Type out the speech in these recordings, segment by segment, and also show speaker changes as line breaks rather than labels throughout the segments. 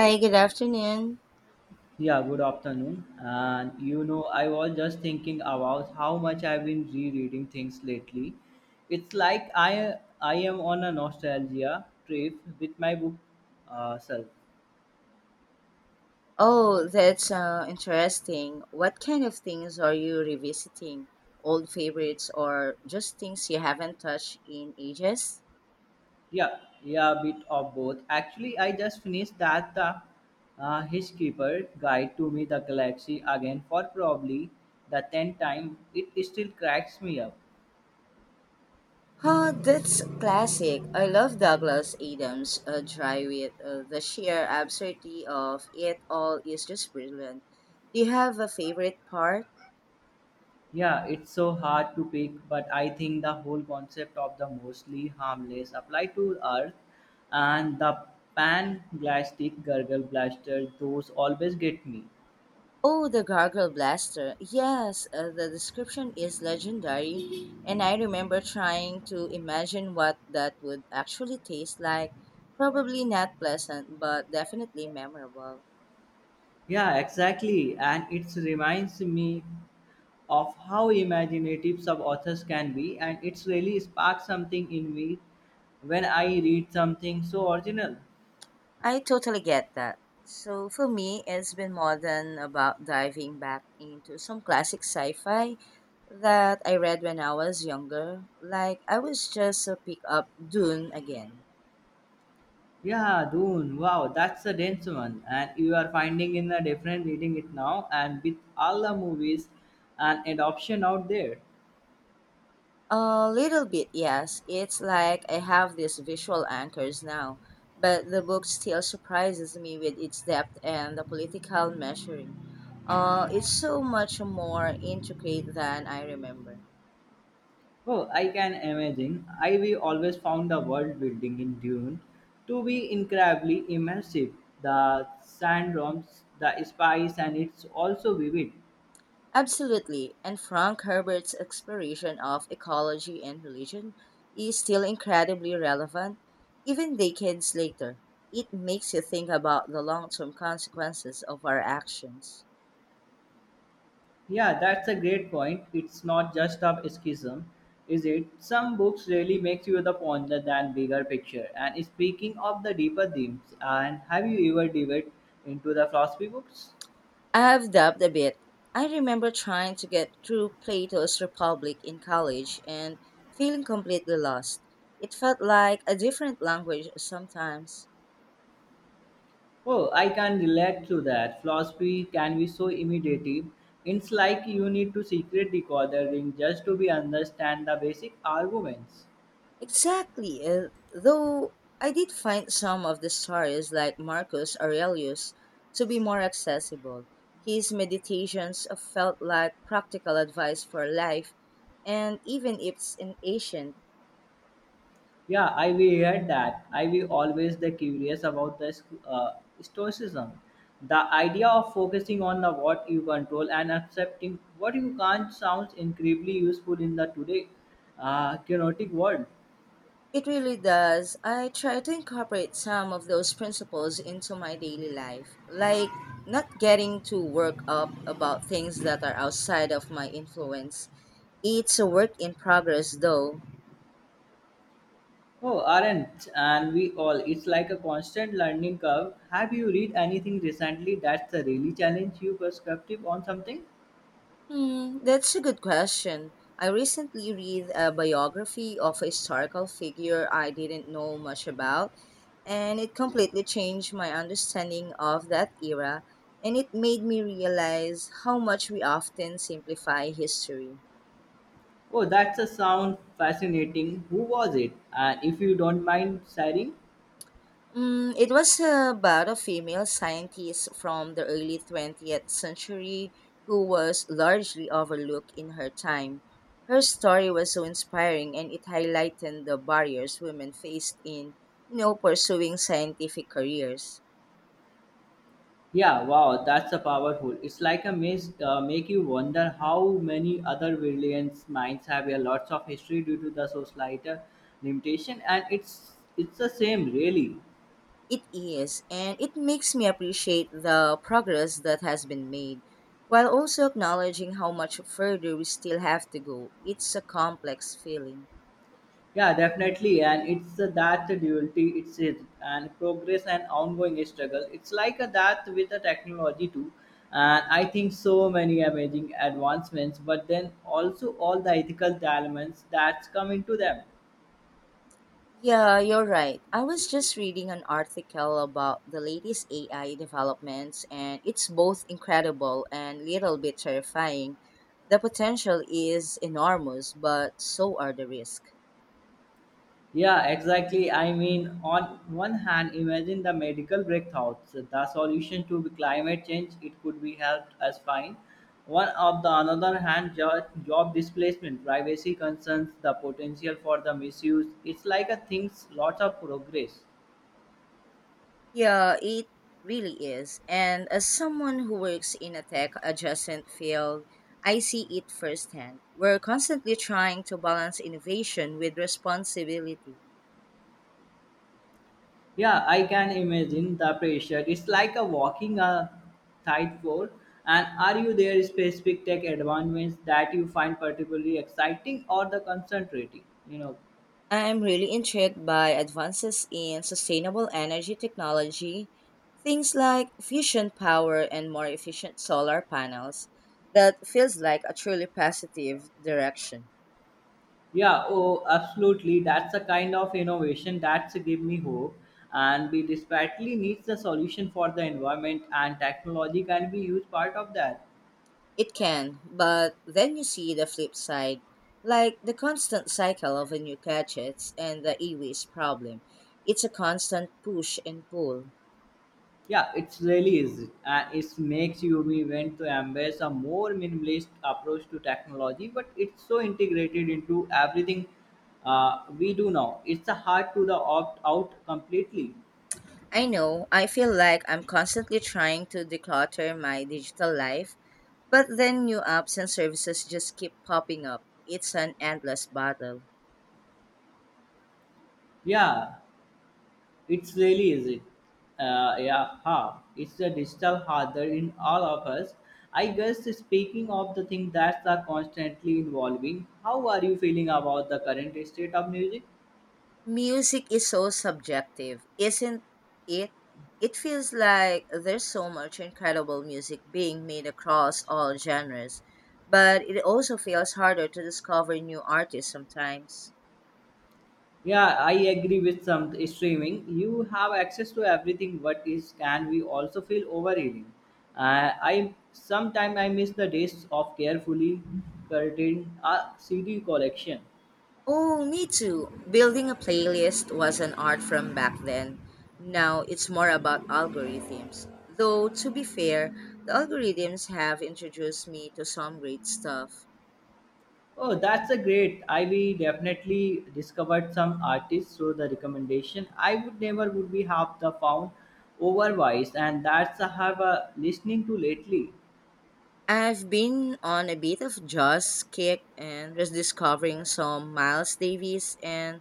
Hi, good afternoon.
Yeah, good afternoon. And I was just thinking about how much I've been rereading things lately. It's like I am on a nostalgia trip with my book self.
Oh, that's interesting. What kind of things are you revisiting? Old favorites or just things you haven't touched in ages?
Yeah, yeah, a bit of both. Actually, I just finished that Hitchkeeper Guide to Me the Galaxy again for probably the 10th time. It still cracks me up.
Huh, that's classic. I love Douglas Adams' Dry Wit. The sheer absurdity of it all is just brilliant. Do you have a favorite part?
Yeah, it's so hard to pick, but I think the whole concept of the mostly harmless apply to Earth and the pan-blastic gurgle blaster, those always get me.
Oh, the Gargle Blaster. Yes, the description is legendary, and I remember trying to imagine what that would actually taste like. Probably not pleasant, but definitely memorable.
Yeah, exactly. And it reminds me of how imaginative some authors can be, and it's really sparked something in me when I read something so original.
I totally get that. So, for me, it's been more than about diving back into some classic sci fi that I read when I was younger. Like, I was just to pick up Dune again.
Yeah, Dune. Wow, that's a dense one. And you are finding in a different reading it now, and with all the movies and adoption out there.
A little bit, yes. It's like I have these visual anchors now, but the book still surprises me with its depth and the political measuring. It's so much more intricate than I remember.
Oh, I can imagine. I we always found the world building in Dune to be incredibly immersive. The sandworms, the spice, and it's also vivid.
Absolutely, and Frank Herbert's exploration of ecology and religion is still incredibly relevant, even decades later. It makes you think about the long term consequences of our actions.
Yeah, that's a great point. It's not just of escapism, is it? Some books really makes you the ponder than bigger picture. And speaking of the deeper themes, and have you ever dived into the philosophy books?
I've dabbed a bit. I remember trying to get through Plato's Republic in college and feeling completely lost. It felt like a different language sometimes.
Oh, I can relate to that. Philosophy can be so immediate. It's like you need to secret the ring just to be understand the basic arguments.
Exactly, though I did find some of the stories like Marcus Aurelius to be more accessible. His meditations felt like practical advice for life, and even if it's in ancient,
Yeah, I we heard that. I we always the curious about the uh, stoicism, the idea of focusing on the what you control and accepting what you can't sounds incredibly useful in the today chaotic world.
it really does. I try to incorporate some of those principles into my daily life, like not getting too worked up about things that are outside of my influence. It's a work in progress, though.
Oh, aren't and we all? It's like a constant learning curve. Have you read anything recently that's a really challenge you perspective on something?
Hmm, that's a good question. I recently read a biography of a historical figure I didn't know much about, and it completely changed my understanding of that era, and it made me realize how much we often simplify history.
Oh, that's a sound fascinating. Who was it? And if you don't mind sharing.
Mm, it was about a female scientist from the early 20th century who was largely overlooked in her time. Her story was so inspiring and it highlighted the barriers women faced in, you know, pursuing scientific careers.
Yeah, wow, that's a powerful. It's like a maze, make you wonder how many other brilliant minds have a lots of history due to the societal limitation, and it's the same really.
It is, and it makes me appreciate the progress that has been made, while also acknowledging how much further we still have to go. It's a complex feeling.
Yeah, definitely, and it's that duality. It's it and progress and ongoing struggle. It's like a, that with the technology too, and I think so many amazing advancements, but then also all the ethical dilemmas that's come into them.
Yeah, you're right. I was just reading an article about the latest AI developments, and it's both incredible and little bit terrifying. The potential is enormous, but so are the risks.
Yeah, exactly. I mean, on one hand, imagine the medical breakthroughs, the solution to climate change. It could be helped as fine. One of the another hand, job displacement, privacy concerns, the potential for the misuse. It's like a things, lots of progress.
Yeah, it really is. And as someone who works in a tech adjacent field, I see it firsthand. We're constantly trying to balance innovation with responsibility.
Yeah, I can imagine the pressure. It's like a walking a tight floor. And are you there specific tech advancements that you find particularly exciting or the concentrating? You know.
I am really intrigued by advances in sustainable energy technology, things like fusion power and more efficient solar panels. That feels like a truly positive direction.
Yeah, oh, absolutely. That's a kind of innovation that's give me hope. And we desperately needs a solution for the environment, and technology can be used part of that.
It can, but then you see the flip side, like the constant cycle of new gadgets and the e waste problem. It's a constant push and pull.
Yeah, it's really is. It makes you we want to embrace a more minimalist approach to technology, but it's so integrated into everything we do now. It's a hard to the opt out completely.
I know, I feel like I'm constantly trying to declutter my digital life. But then new apps and services just keep popping up. It's an endless battle.
Yeah. It's really easy. It. Yeah, ha. It's the digital harder in all of us. I guess speaking of the thing that's are constantly evolving, how are you feeling about the current state of music?
Music is so subjective, isn't it? It feels like there's so much incredible music being made across all genres, but it also feels harder to discover new artists sometimes.
Yeah, I agree with some streaming. You have access to everything, but is can we also feel overeating? I sometimes I miss the days of carefully curating a CD collection.
Oh, me too. Building a playlist was an art from back then. Now it's more about algorithms. Though, to be fair, the algorithms have introduced me to some great stuff.
Oh, that's a great. I we definitely discovered some artists through the recommendation. I would never would be have the found otherwise, and that's I have a listening to lately.
I've been on a bit of jazz kick and was discovering some Miles Davis, and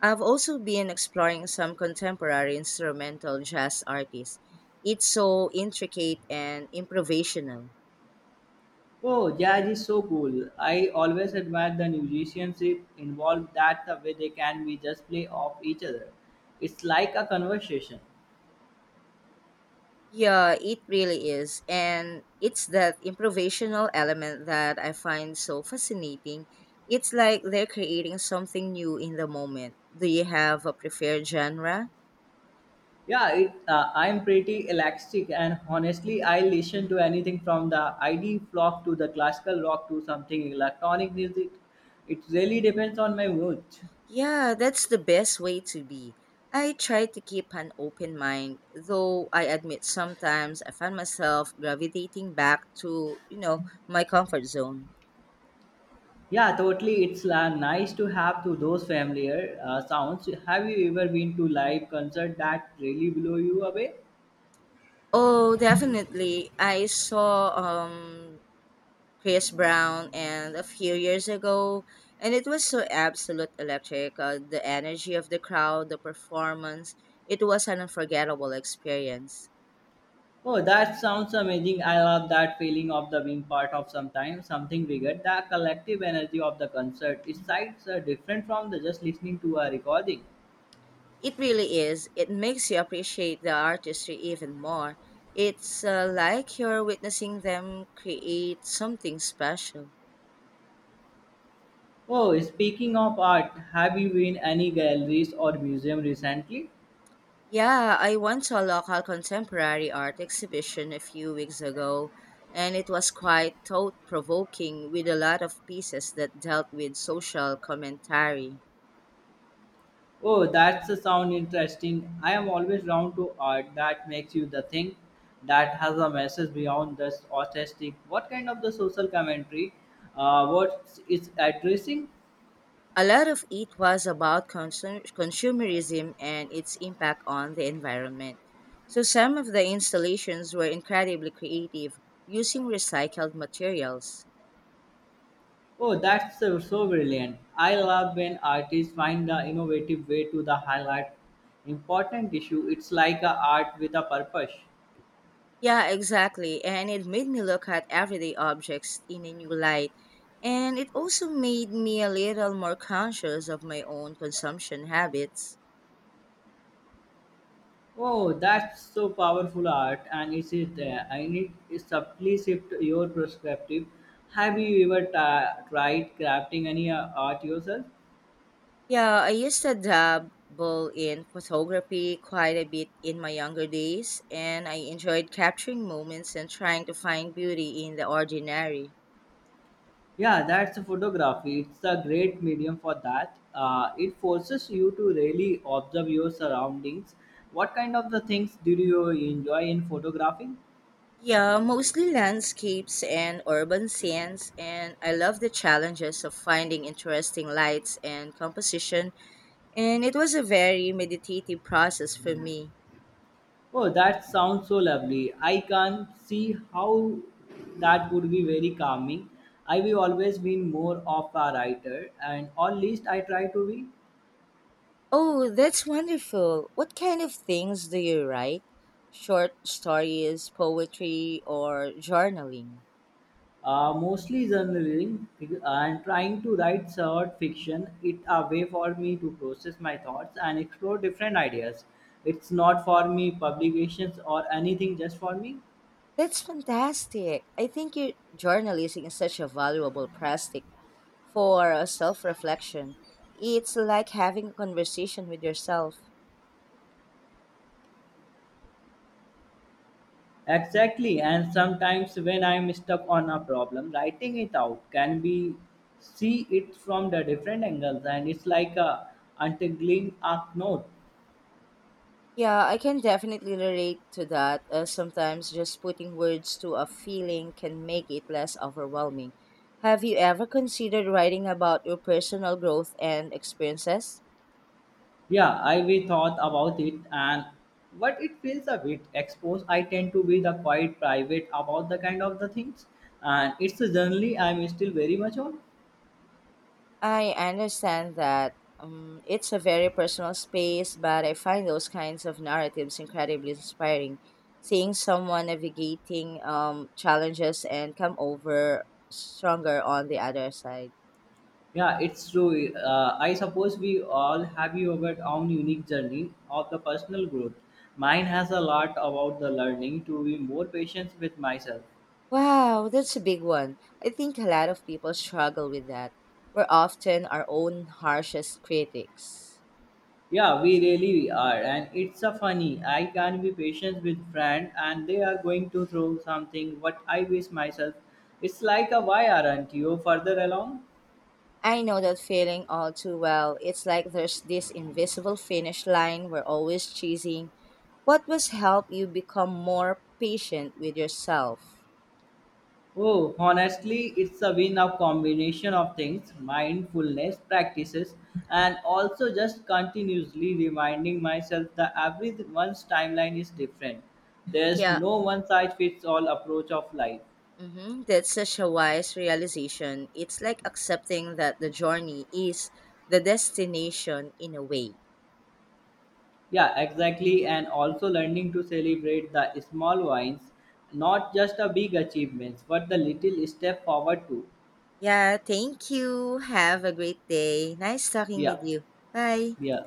I've also been exploring some contemporary instrumental jazz artists. It's so intricate and improvisational.
Oh, jazz is so cool. I always admire the musicianship involved. That the way they can be just play off each other. It's like a conversation.
Yeah, it really is. And it's that improvisational element that I find so fascinating. It's like they're creating something new in the moment. Do you have a preferred genre?
Yeah, I'm pretty elastic, and honestly, I listen to anything from the ID flock to the classical rock to something electronic music. It really depends on my mood.
Yeah, that's the best way to be. I try to keep an open mind, though I admit sometimes I find myself gravitating back to, you know, my comfort zone.
Yeah, totally. It's nice to have to those familiar sounds. Have you ever been to live concert that really blow you away?
Oh, definitely. I saw Chris Brown and a few years ago, and it was so absolute electric. The energy of the crowd, the performance, it was an unforgettable experience.
Oh, that sounds amazing. I love that feeling of the being part of sometimes something bigger. The collective energy of the concert. It's sights are different from the just listening to a recording.
It really is. It makes you appreciate the artistry even more. It's like you're witnessing them create something special.
Oh, speaking of art, have you been any galleries or museum recently?
Yeah, I went to a local contemporary art exhibition a few weeks ago, and it was quite thought provoking with a lot of pieces that dealt with social commentary.
Oh, that's a sound interesting. I am always drawn to art that makes you the think, that has a message beyond just artistic. What kind of the social commentary? What it's addressing?
A lot of it was about consumerism and its impact on the environment. So, some of the installations were incredibly creative, using recycled materials.
Oh, that's so, so brilliant. I love when artists find the innovative way to the highlight important issue. It's like a art with a purpose.
Yeah, exactly. And it made me look at everyday objects in a new light. And it also made me a little more conscious of my own consumption habits.
Oh, that's so powerful art, and it is there. I need to subtly shift your perspective. Have you ever tried crafting any art yourself?
Yeah, I used to dabble in photography quite a bit in my younger days, and I enjoyed capturing moments and trying to find beauty in the ordinary.
Yeah, that's photography. It's a great medium for that. It forces you to really observe your surroundings. What kind of the things do you enjoy in photography?
Yeah, mostly landscapes and urban scenes, and I love the challenges of finding interesting lights and composition. And it was a very meditative process for me.
Oh, that sounds so lovely. I can see how that would be very calming. I've always been more of a writer, and or at least I try to be.
Oh, that's wonderful. What kind of things do you write? Short stories, poetry, or journaling?
Mostly journaling and trying to write short fiction. It's a way for me to process my thoughts and explore different ideas. It's not for me publications or anything, just for me.
That's fantastic. I think your journalism is such a valuable practice for self reflection. It's like having a conversation with yourself.
Exactly, and sometimes when I'm stuck on a problem, writing it out can be see it from the different angles, and it's like a untangling a note.
Yeah, I can definitely relate to that. Sometimes just putting words to a feeling can make it less overwhelming. Have you ever considered writing about your personal growth and experiences?
Yeah, I we thought about it, and but it feels a bit exposed. I tend to be the quite private about the kind of the things, and it's a journey I'm still very much on.
I understand that it's a very personal space, but I find those kinds of narratives incredibly inspiring. Seeing someone navigating challenges and come over stronger on the other side.
Yeah, it's true. I suppose we all have our own unique journey of the personal growth. Mine has a lot about the learning to be more patient with myself.
Wow, that's a big one. I think a lot of people struggle with that. We're often our own harshest critics.
Yeah, we really are, and it's a funny. I can be patient with friend, and they are going to throw something. What I wish myself. It's like a why aren't you further along?
I know that feeling all too well. It's like there's this invisible finish line we're always chasing. What was help you become more patient with yourself?
Oh, honestly, it's a win of combination of things, mindfulness practices, and also just continuously reminding myself that everyone's timeline is different. There's
Yeah,
no one size fits all approach of life.
hmm, that's such a wise realization. It's like accepting that the journey is the destination in a way.
Yeah, exactly, and also learning to celebrate the small wins, not just the big achievements, but the little step forward too.
Yeah, thank you. Have a great day. Nice talking
Yeah,
with you. Bye.
yeah.